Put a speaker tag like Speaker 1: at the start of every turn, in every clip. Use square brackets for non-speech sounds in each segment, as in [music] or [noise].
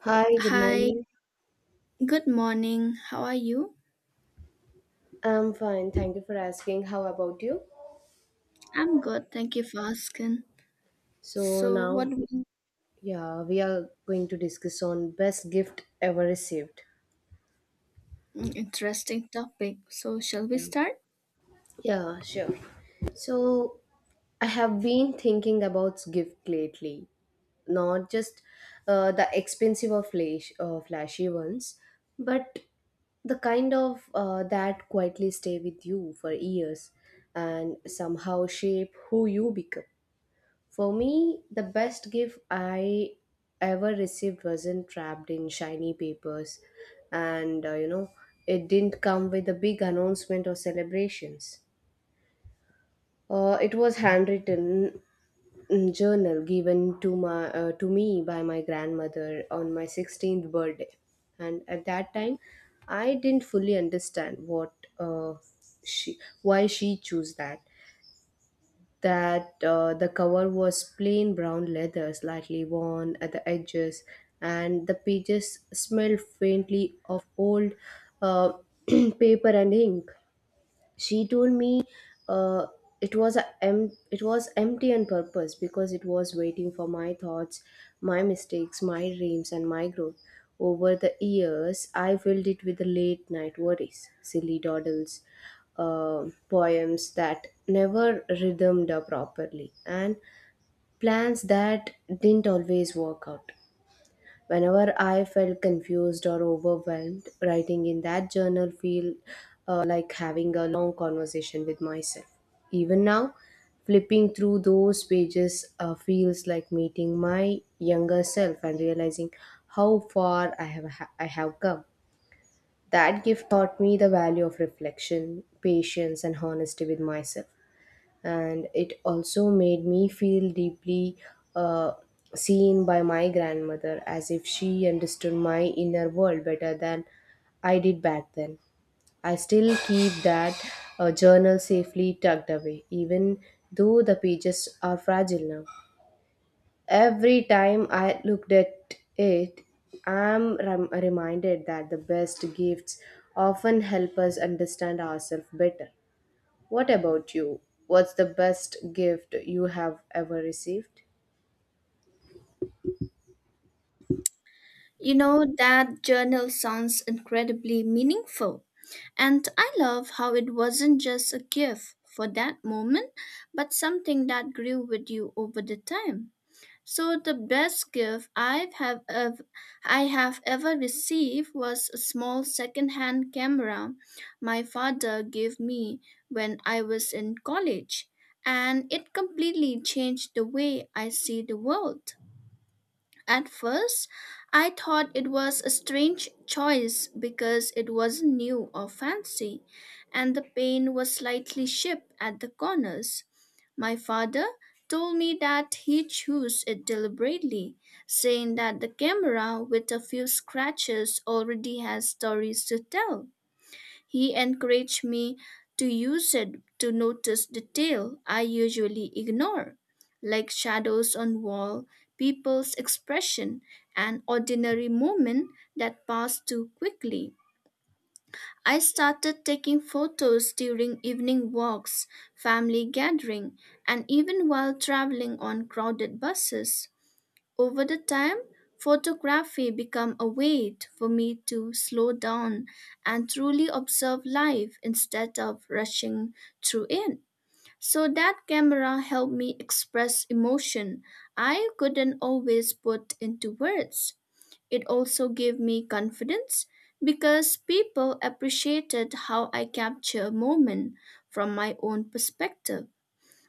Speaker 1: Hi, good
Speaker 2: Hi,
Speaker 1: morning.
Speaker 2: good morning. How are you?
Speaker 1: I'm fine. Thank you for asking. How about you?
Speaker 2: I'm good. Thank you for asking.
Speaker 1: So
Speaker 2: So, what
Speaker 1: now,
Speaker 2: we-
Speaker 1: yeah, we are going to discuss on best gift ever received.
Speaker 2: Interesting topic. So, shall we
Speaker 1: Yeah.
Speaker 2: start?
Speaker 1: Yeah, sure. So I have been thinking about gift lately, not just the expensive or flashy ones, but the kind of that quietly stay with you for years and somehow shape who you become. For me, the best gift I ever received wasn't wrapped in shiny papers, and you know, it didn't come with a big announcement or celebrations. It was handwritten mm, journal given to my to me by my grandmother on my 16th birthday, and at that time, I didn't fully understand what uh, she why she chose that. The cover was plain brown leather, slightly worn at the edges, and the pages smelled faintly of old uh, [clears throat] paper and ink. She told me uh, it was empty on purpose because it was waiting for my thoughts, my mistakes, my dreams, and my growth. Over the years, I filled it with the late night worries, silly dawdles, poems that never rhythmed up properly, and plans that didn't always work out. Whenever I felt confused or overwhelmed, writing in that journal feel like having a long conversation with myself. Even now, flipping through those pages feels like meeting my younger self and realizing how far I have come. That gift taught me the value of reflection, patience, and honesty with myself, and it also made me feel deeply uh, seen by my grandmother, as if she understood my inner world better than I did back then. I still keep that journal safely tucked away, even though the pages are fragile now. Every time I looked at it, I'm reminded that the best gifts often help us understand ourselves better. What about you? What's the best gift you have ever received?
Speaker 2: You know, that journal sounds incredibly meaningful. And I love how it wasn't just a gift for that moment, but something that grew with you over the time. So the best gift ev- I have ever received was a small second-hand camera my father gave me when I was in college, and it completely changed the way I see the world. At first, I thought it was a strange choice because it wasn't new or fancy, and the paint was slightly chipped at the corners. My father told me that he chose it deliberately, saying that the camera with a few scratches already has stories to tell. He encouraged me to use it to notice detail I usually ignore, like shadows on wall, people's expression, and ordinary moments that pass too quickly. I started taking photos during evening walks, family gathering, and even while traveling on crowded buses. Over the time, photography became a way for me to slow down and truly observe life instead of rushing through it. So that camera helped me express emotion I couldn't always put into words. It also gave me confidence because people appreciated how I capture moment from my own perspective.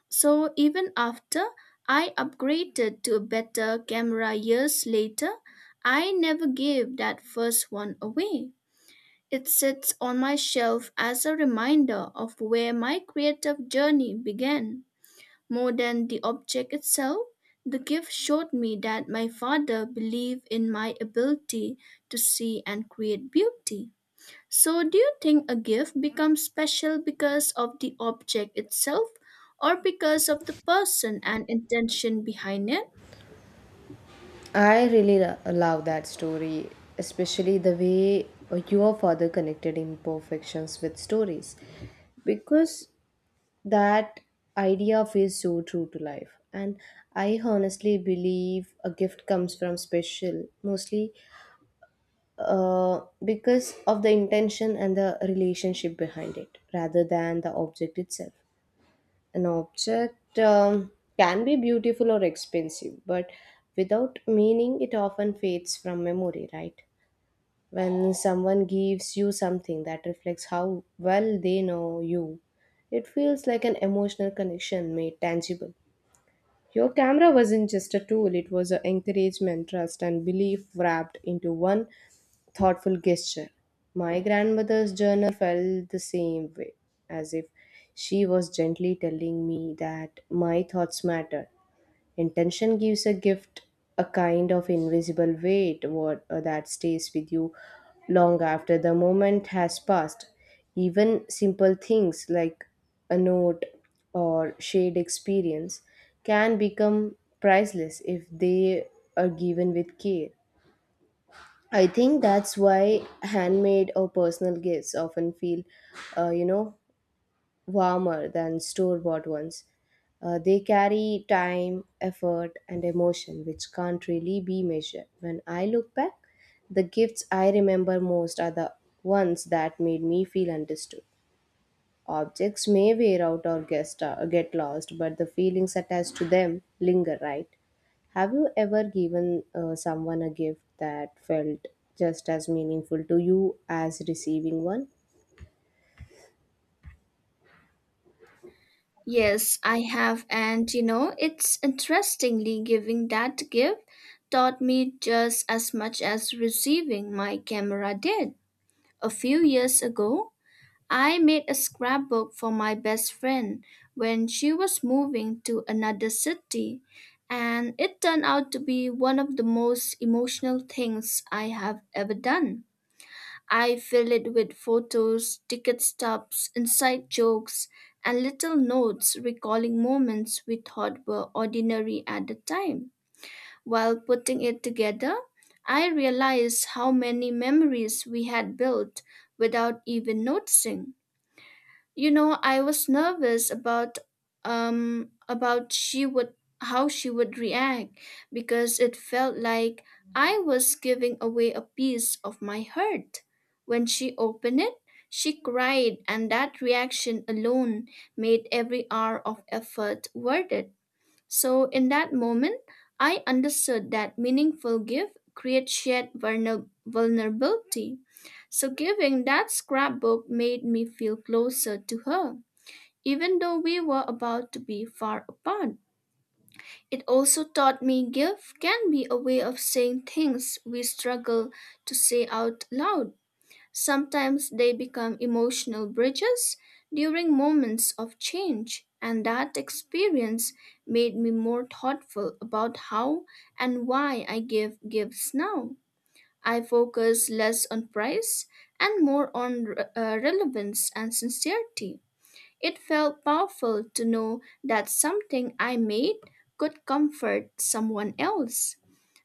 Speaker 2: So even after I upgraded to a better camera years later, I never gave that first one away. It sits on my shelf as a reminder of where my creative journey began. More than the object itself, the gift showed me that my father believed in my ability to see and create beauty. So, do you think a gift becomes special because of the object itself or because of the person and intention behind it?
Speaker 1: I really love that story, especially the way your father connected imperfections with stories, because that idea feels so true to life. And I honestly believe a gift comes from special, mostly because of the intention and the relationship behind it, rather than the object itself. An object can be beautiful or expensive, but without meaning, it often fades from memory, right? When someone gives you something that reflects how well they know you, it feels like an emotional connection made tangible. Your camera wasn't just a tool, it was an encouragement, trust, and belief wrapped into one thoughtful gesture. My grandmother's journal felt the same way, as if she was gently telling me that my thoughts matter. Intention gives a gift a kind of invisible weight that stays with you long after the moment has passed. Even simple things like a note or shared experience can become priceless if they are given with care. I think that's why handmade or personal gifts often feel, you know, warmer than store bought ones. They carry time, effort, and emotion, which can't really be measured. When I look back, the gifts I remember most are the ones that made me feel understood. Objects may wear out or get lost, but the feelings attached to them linger, right? Have you ever given someone a gift that felt just as meaningful to you as receiving one?
Speaker 2: Yes, I have, and you know, it's interestingly giving that gift taught me just as much as receiving my camera did. A few years ago, I made a scrapbook for my best friend when she was moving to another city, and it turned out to be one of the most emotional things I have ever done. I filled it with photos, ticket stubs, inside jokes, and little notes recalling moments we thought were ordinary at the time. While putting it together, I realized how many memories we had built without even noticing. You know, I was nervous about she would how she would react because it felt like I was giving away a piece of my heart. When she opened it, she cried and that reaction alone made every hour of effort worth it. So, in that moment, I understood that meaningful gift creates shared vulnerability. So, giving that scrapbook made me feel closer to her, even though we were about to be far apart. It also taught me gift can be a way of saying things we struggle to say out loud. Sometimes they become emotional bridges during moments of change, and that experience made me more thoughtful about how and why I give gifts now. I focus less on price and more on relevance and sincerity. It felt powerful to know that something I made could comfort someone else.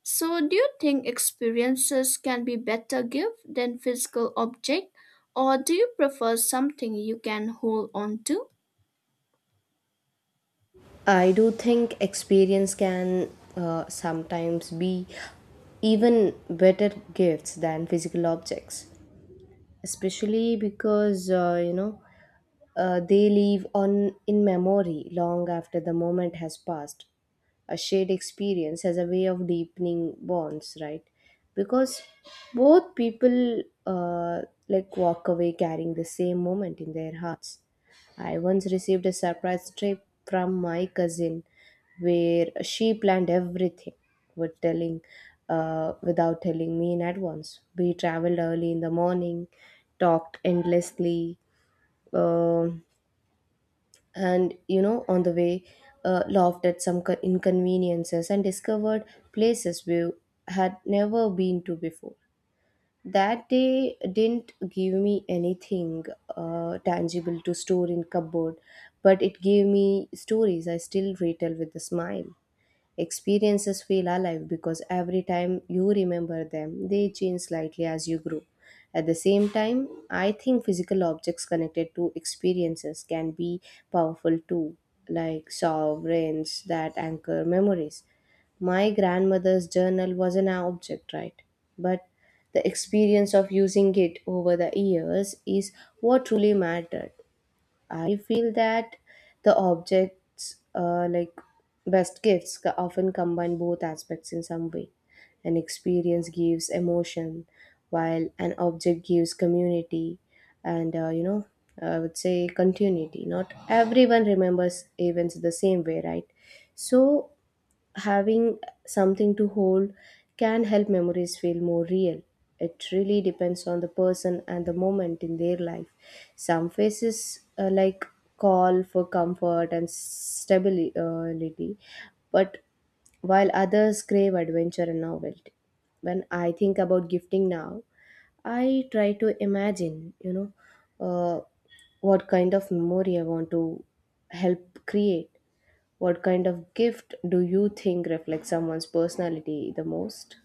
Speaker 2: So, do you think experiences can be better gift than physical object, or do you prefer something you can hold on to?
Speaker 1: I do think experience can sometimes be even better gifts than physical objects, especially because you know, they live on in memory long after the moment has passed. A shared experience has a way of deepening bonds, right? Because both people like walk away carrying the same moment in their hearts. I once received a surprise trip from my cousin, where she planned everything with telling without telling me in advance. We traveled early in the morning, talked endlessly, uh, and you know, on the way laughed at some inconveniences and discovered places we had never been to before. That day didn't give me anything tangible to store in cupboard, but it gave me stories I still retell with a smile. Experiences feel alive because every time you remember them, they change slightly as you grow. At the same time, I think physical objects connected to experiences can be powerful too, like sovereigns that anchor memories. My grandmother's journal was an object, right? But the experience of using it over the years is what truly mattered. I feel that the objects, like best gifts, often combine both aspects in some way. An experience gives emotion, while an object gives community, and you know, I would say continuity. Not everyone remembers events the same way, right? So having something to hold can help memories feel more real. It really depends on the person and the moment in their life. Some faces like call for comfort and stability, but while others crave adventure and novelty. When I think about gifting now, I try to imagine, you know, uh, what kind of memory I want to help create. What kind of gift do you think reflects someone's personality the most?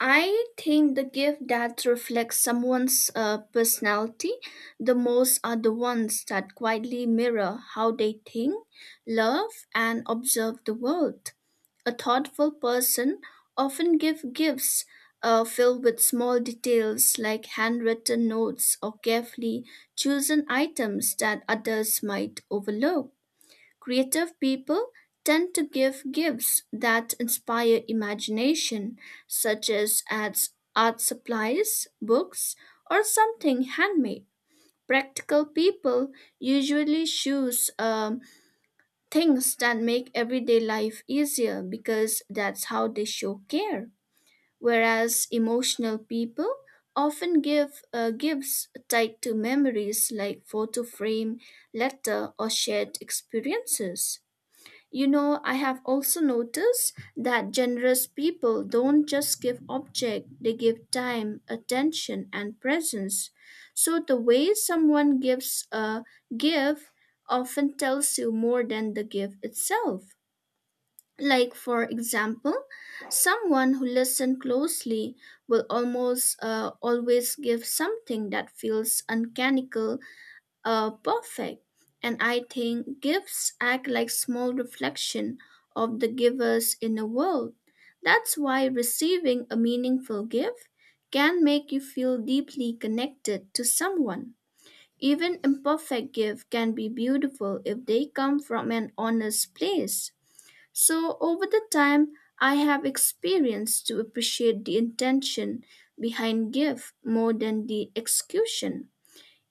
Speaker 2: I think the gift that reflects someone's personality the most are the ones that quietly mirror how they think, love, and observe the world. A thoughtful person often gives gifts filled with small details like handwritten notes or carefully chosen items that others might overlook. Creative people tend to give gifts that inspire imagination, such as ads, art supplies, books, or something handmade. Practical people usually choose things that make everyday life easier because that's how they show care. Whereas emotional people often give gifts tied to memories like photo frame, letter, or shared experiences. You know, I have also noticed that generous people don't just give object; they give time, attention, and presence. So the way someone gives a gift often tells you more than the gift itself. Like, for example, someone who listens closely will almost always give something that feels uncannical perfect. And I think gifts act like small reflection of the giver's in the world. That's why receiving a meaningful gift can make you feel deeply connected to someone. Even imperfect gifts can be beautiful if they come from an honest place. So over the time, I have experienced to appreciate the intention behind gift more than the execution.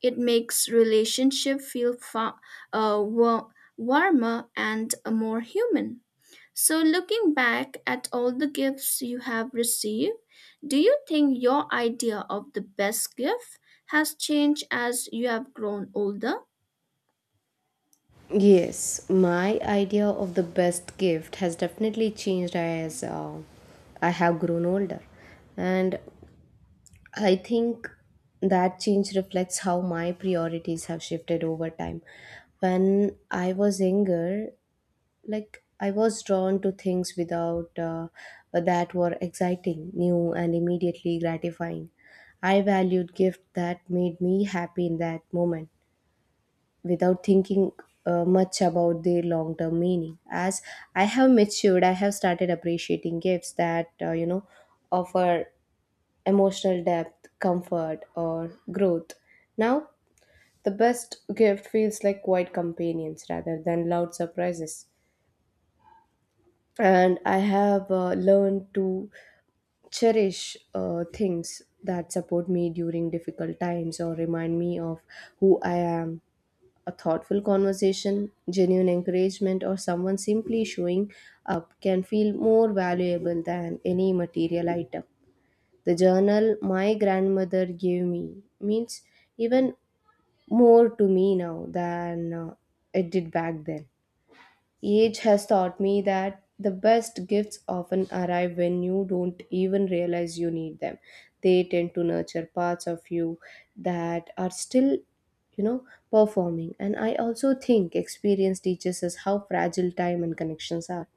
Speaker 2: It makes relationship feel uh, wa- warmer and more human. So, looking back at all the gifts you have received, do you think your idea of the best gift has changed as you have grown older?
Speaker 1: Yes, my idea of the best gift has definitely changed as I have grown older. And I think that change reflects how my priorities have shifted over time. When I was younger, like I was drawn to things without that were exciting, new, and immediately gratifying. I valued gifts that made me happy in that moment without thinking much about their long term meaning. As I have matured, I have started appreciating gifts that you know, offer emotional depth, comfort, or growth. Now the best gift feels like quiet companions rather than loud surprises, and I have learned to cherish things that support me during difficult times or remind me of who I am. A thoughtful conversation, genuine encouragement, or someone simply showing up can feel more valuable than any material item. The journal my grandmother gave me means even more to me now than it did back then. Age has taught me that the best gifts often arrive when you don't even realize you need them. They tend to nurture parts of you that are still, you know, performing. And I also think experience teaches us how fragile time and connections are.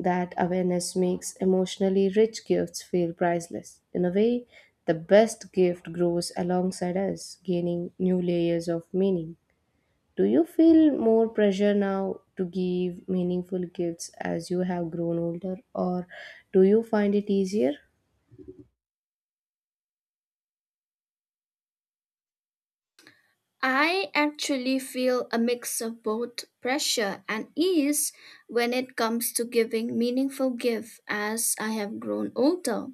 Speaker 1: That awareness makes emotionally rich gifts feel priceless. In a way, the best gift grows alongside us, gaining new layers of meaning. Do you feel more pressure now to give meaningful gifts as you have grown older, or do you find it easier?
Speaker 2: I actually feel a mix of both pressure and ease when it comes to giving meaningful gifts as I have grown older.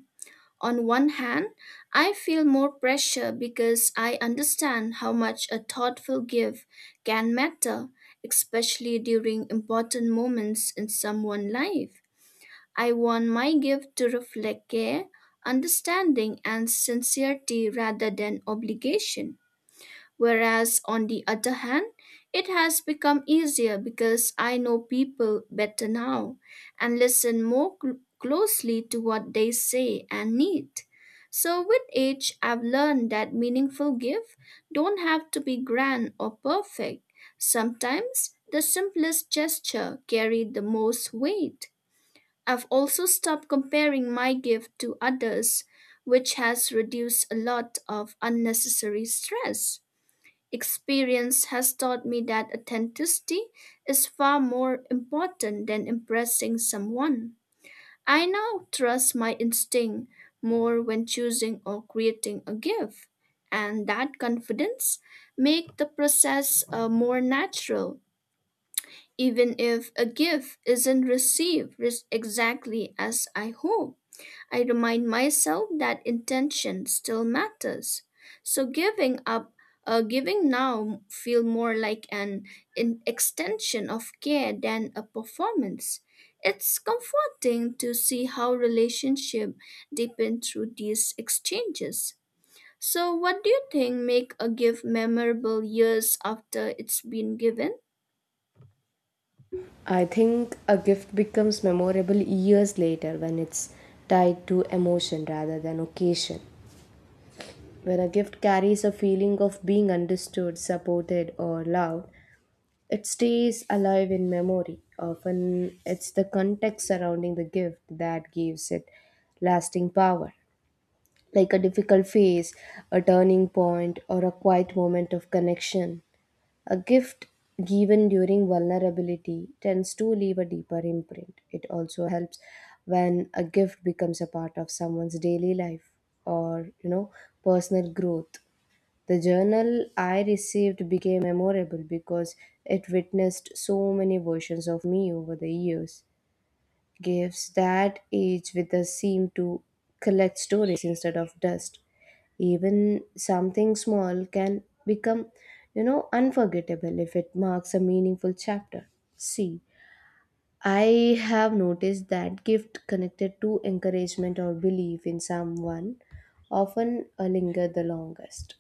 Speaker 2: On one hand, I feel more pressure because I understand how much a thoughtful gift can matter, especially during important moments in someone's life. I want my gift to reflect care, understanding, and sincerity rather than obligation. Whereas, on the other hand, it has become easier because I know people better now and listen more closely to what they say and need. So, with age, I've learned that meaningful gifts don't have to be grand or perfect. Sometimes the simplest gesture carry the most weight. I've also stopped comparing my gift to others, which has reduced a lot of unnecessary stress. Experience has taught me that authenticity is far more important than impressing someone. I now trust my instinct more when choosing or creating a gift, and that confidence make the process more natural, even if a gift isn't received exactly as I hope. I remind myself that intention still matters. So giving now feel more like an extension of care than a performance. It's comforting to see how relationship deepen through these exchanges. So what do you think make a gift memorable years after it's been given?
Speaker 1: I think a gift becomes memorable years later when it's tied to emotion rather than occasion. When a gift carries a feeling of being understood, supported, or loved, it stays alive in memory. Often it's the context surrounding the gift that gives it lasting power, like a difficult phase, a turning point, or a quiet moment of connection. A gift given during vulnerability tends to leave a deeper imprint. It also helps when a gift becomes a part of someone's daily life or, you know, personal growth. The journal I received became memorable because it witnessed so many versions of me over the years. Gifts that age with us seem to collect stories instead of dust. Even something small can become, you know, unforgettable if it marks a meaningful chapter. See, I have noticed that gift connected to encouragement or belief in someone often linger the longest.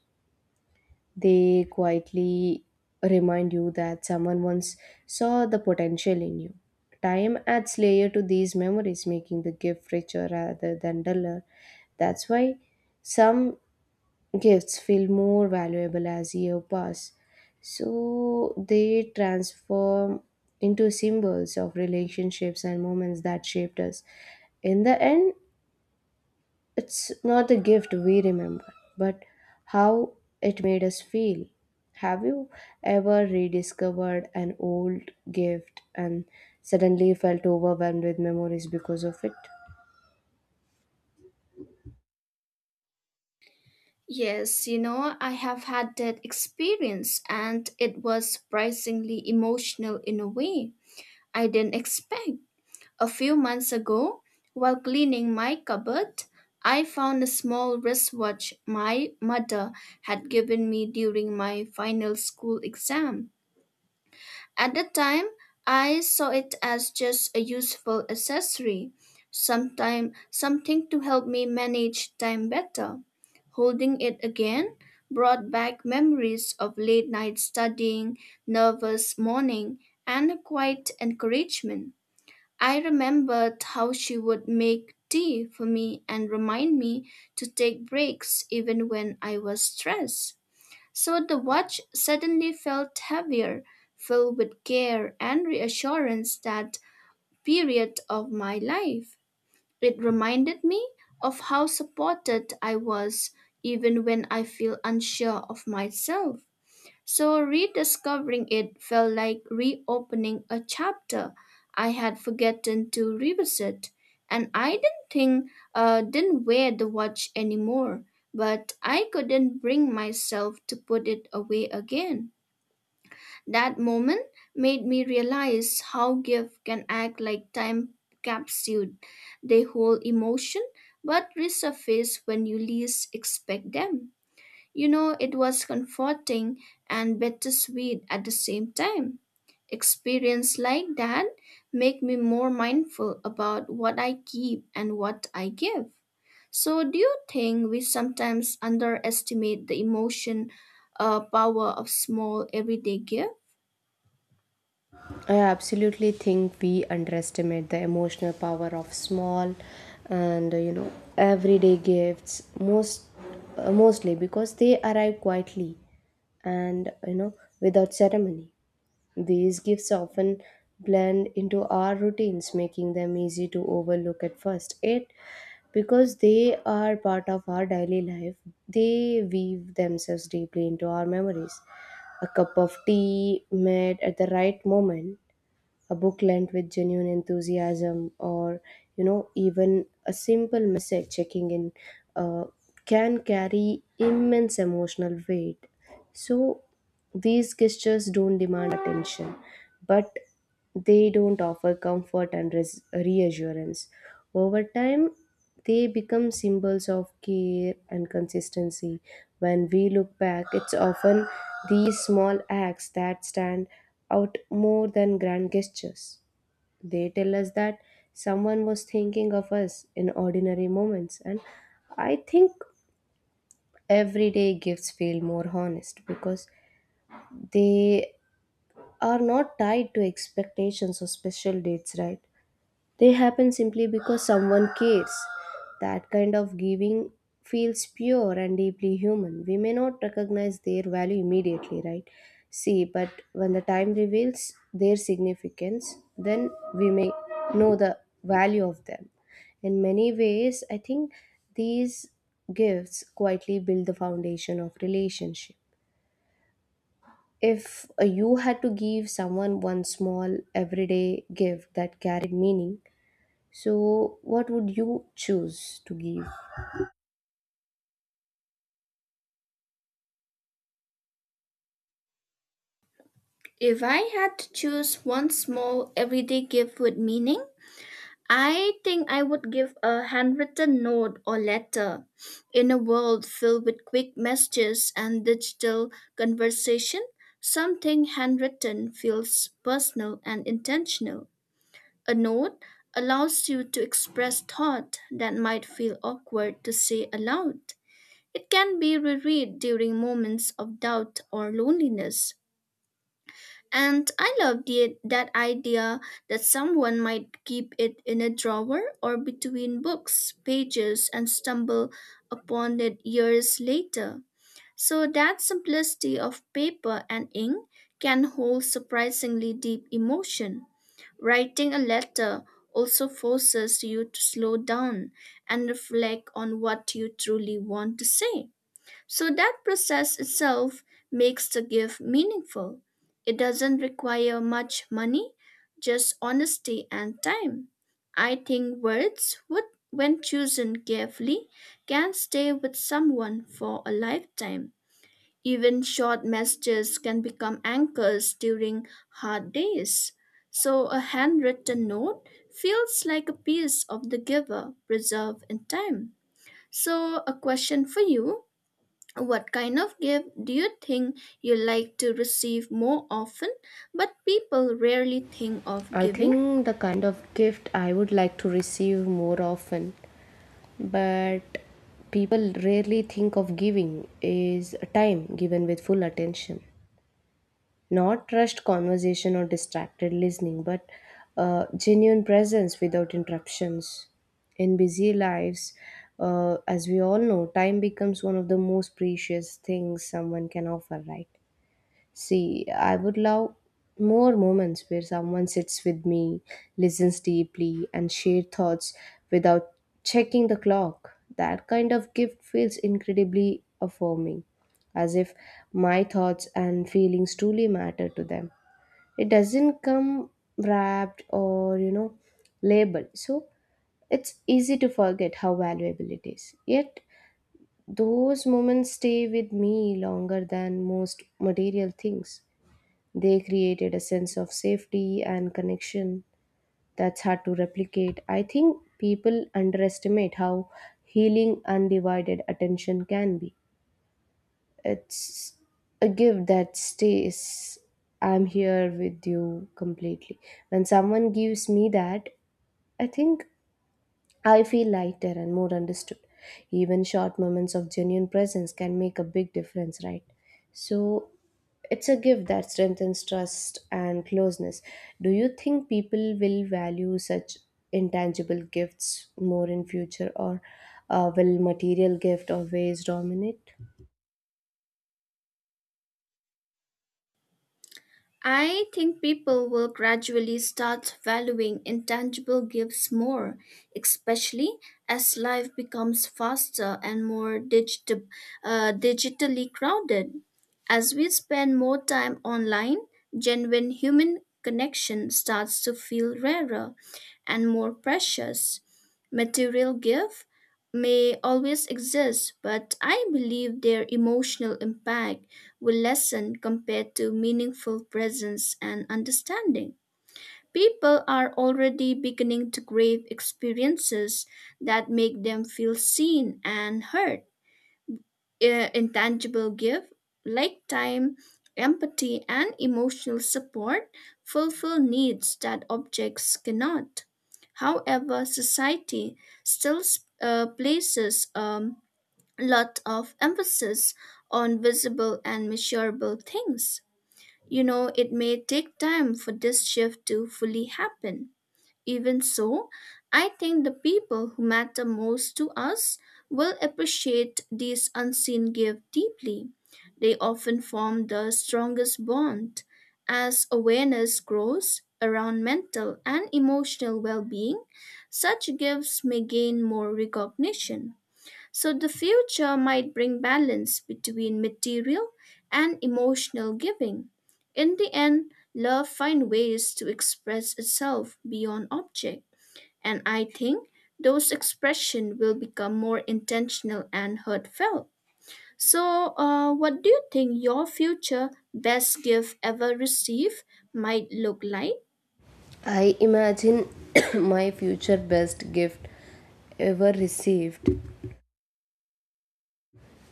Speaker 1: They quietly remind you that someone once saw the potential in you. Time adds layer to these memories, making the gift richer rather than duller. That's why some gifts feel more valuable as years pass. So they transform into symbols of relationships and moments that shaped us. In the end, it's not the gift we remember, but how it made us feel. Have you ever rediscovered an old gift and suddenly felt overwhelmed with memories because of it?
Speaker 2: Yes, you know, I have had that experience and it was surprisingly emotional in a way I didn't expect. A few months ago, while cleaning my cupboard, I found a small wristwatch my mother had given me during my final school exam. At the time, I saw it as just a useful accessory, sometime something to help me manage time better. Holding it again brought back memories of late night studying, nervous morning, and a quiet encouragement. I remembered how she would make tea for me and remind me to take breaks even when I was stressed. So the watch suddenly felt heavier, filled with care and reassurance that period of my life. It reminded me of how supported I was even when I feel unsure of myself. So rediscovering it felt like reopening a chapter I had forgotten to revisit, and I didn't think didn't wear the watch anymore, but I couldn't bring myself to put it away again. That moment made me realize how gifts can act like time capsule. They hold emotion but resurface when you least expect them. You know, it was comforting and bittersweet at the same time. Experience like that make me more mindful about what I keep and what I give. So, do you think we sometimes underestimate the emotion power of small everyday gift?
Speaker 1: I absolutely think we underestimate the emotional power of small and you know, everyday gifts, most mostly because they arrive quietly and you know, without ceremony. These gifts often blend into our routines, making them easy to overlook at first. It because they are part of our daily life, they weave themselves deeply into our memories. A cup of tea made at the right moment, a book lent with genuine enthusiasm, or you know, even a simple message checking in uh, can carry immense emotional weight. So these gestures don't demand attention, but they don't offer comfort and reassurance. Over time, they become symbols of care and consistency. When we look back, it's often these small acts that stand out more than grand gestures. They tell us that someone was thinking of us in ordinary moments, and I think everyday gifts feel more honest because they are not tied to expectations or special dates, right? They happen simply because someone cares. That kind of giving feels pure and deeply human. We may not recognize their value immediately, right? See, but when the time reveals their significance, then we may know the value of them. In many ways, I think these gifts quietly build the foundation of relationship. If you had to give someone one small everyday gift that carried meaning, so, what would you choose to give?
Speaker 2: If I had to choose one small everyday gift with meaning, I think I would give a handwritten note or letter. In a world filled with quick messages and digital conversation, something handwritten feels personal and intentional. A note allows you to express thought that might feel awkward to say aloud. It can be reread during moments of doubt or loneliness. And I love that idea that someone might keep it in a drawer or between books, pages, and stumble upon it years later. So that simplicity of paper and ink can hold surprisingly deep emotion. Writing a letter also forces you to slow down and reflect on what you truly want to say. So that process itself makes the gift meaningful. It doesn't require much money, just honesty and time. I think words would when chosen carefully can stay with someone for a lifetime. Even short messages can become anchors during hard days. So a handwritten note feels like a piece of the giver preserved in time. So a question for you. What kind of gift do you think you like to receive more often, but people rarely think of
Speaker 1: I
Speaker 2: giving?
Speaker 1: think the kind of gift I would like to receive more often, but people rarely think of giving is time given with full attention. Not rushed conversation or distracted listening, but genuine presence without interruptions. In busy lives, as we all know, time becomes one of the most precious things someone can offer, right? See, I would love more moments where someone sits with me, listens deeply, and shares thoughts without checking the clock. That kind of gift feels incredibly affirming, as if my thoughts and feelings truly matter to them. It doesn't come wrapped or, you know, labeled. So it's easy to forget how valuable it is. Yet, those moments stay with me longer than most material things. They created a sense of safety and connection that's hard to replicate. I think people underestimate how healing undivided attention can be. It's a gift that stays. I'm here with you completely. When someone gives me that, I think I feel lighter and more understood. Even short moments of genuine presence can make a big difference, right? So it's a gift that strengthens trust and closeness. Do you think people will value such intangible gifts more in future or will material gift always dominate?
Speaker 2: I think people will gradually start valuing intangible gifts more, especially as life becomes faster and more digitally crowded. As we spend more time online, genuine human connection starts to feel rarer and more precious. Material gift may always exist, but I believe their emotional impact will lessen compared to meaningful presence and understanding. People are already beginning to crave experiences that make them feel seen and heard. Intangible gifts like time, empathy, and emotional support fulfill needs that objects cannot. However, society still places a lot of emphasis on visible and measurable things. You know, it may take time for this shift to fully happen. Even so, I think the people who matter most to us will appreciate these unseen gifts deeply. They often form the strongest bond. As awareness grows around mental and emotional well being, such gifts may gain more recognition. So the future might bring balance between material and emotional giving. In the end, love finds ways to express itself beyond object, and I think those expressions will become more intentional and heartfelt. So, what do you think your future best gift ever received might look like?
Speaker 1: I imagine [coughs] [clears throat] my future best gift ever received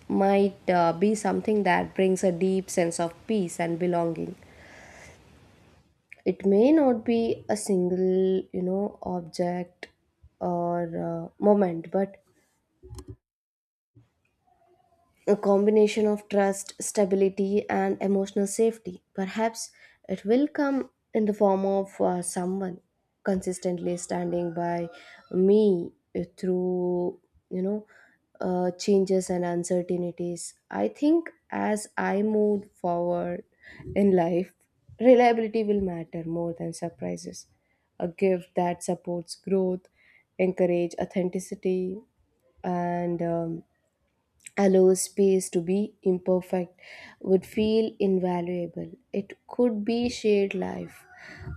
Speaker 1: might be something that brings a deep sense of peace and belonging. It may not be a single, you know, object or moment but a combination of trust, stability, and emotional safety. Perhaps it will come in the form of someone consistently standing by me through, you know, changes and uncertainties. I think as I move forward in life, reliability will matter more than surprises. A gift that supports growth, encourage authenticity, and allow space to be imperfect would feel invaluable. It could be shared life,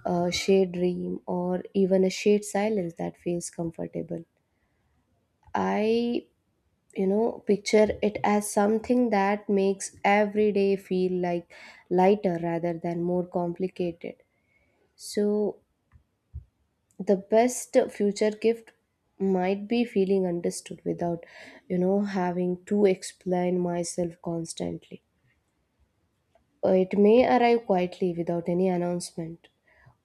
Speaker 1: a shared dream, or even a shared silence that feels comfortable. I, you know, picture it as something that makes every day feel like lighter rather than more complicated. So, the best future gift might be feeling understood without, you know, having to explain myself constantly. It may arrive quietly without any announcement.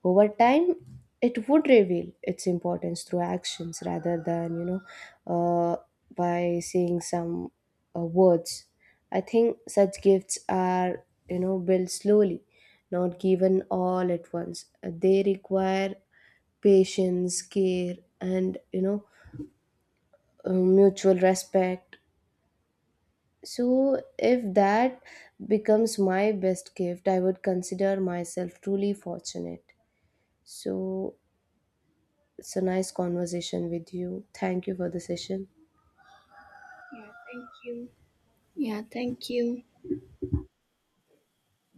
Speaker 1: Over time, it would reveal its importance through actions rather than, you know, uh, by saying some words. I think such gifts are, you know, built slowly, not given all at once. They require patience, care, and, you know, mutual respect. So, if that becomes my best gift, I would consider myself truly fortunate. So, it's a nice conversation with you. Thank you for the session.
Speaker 2: Yeah, thank you.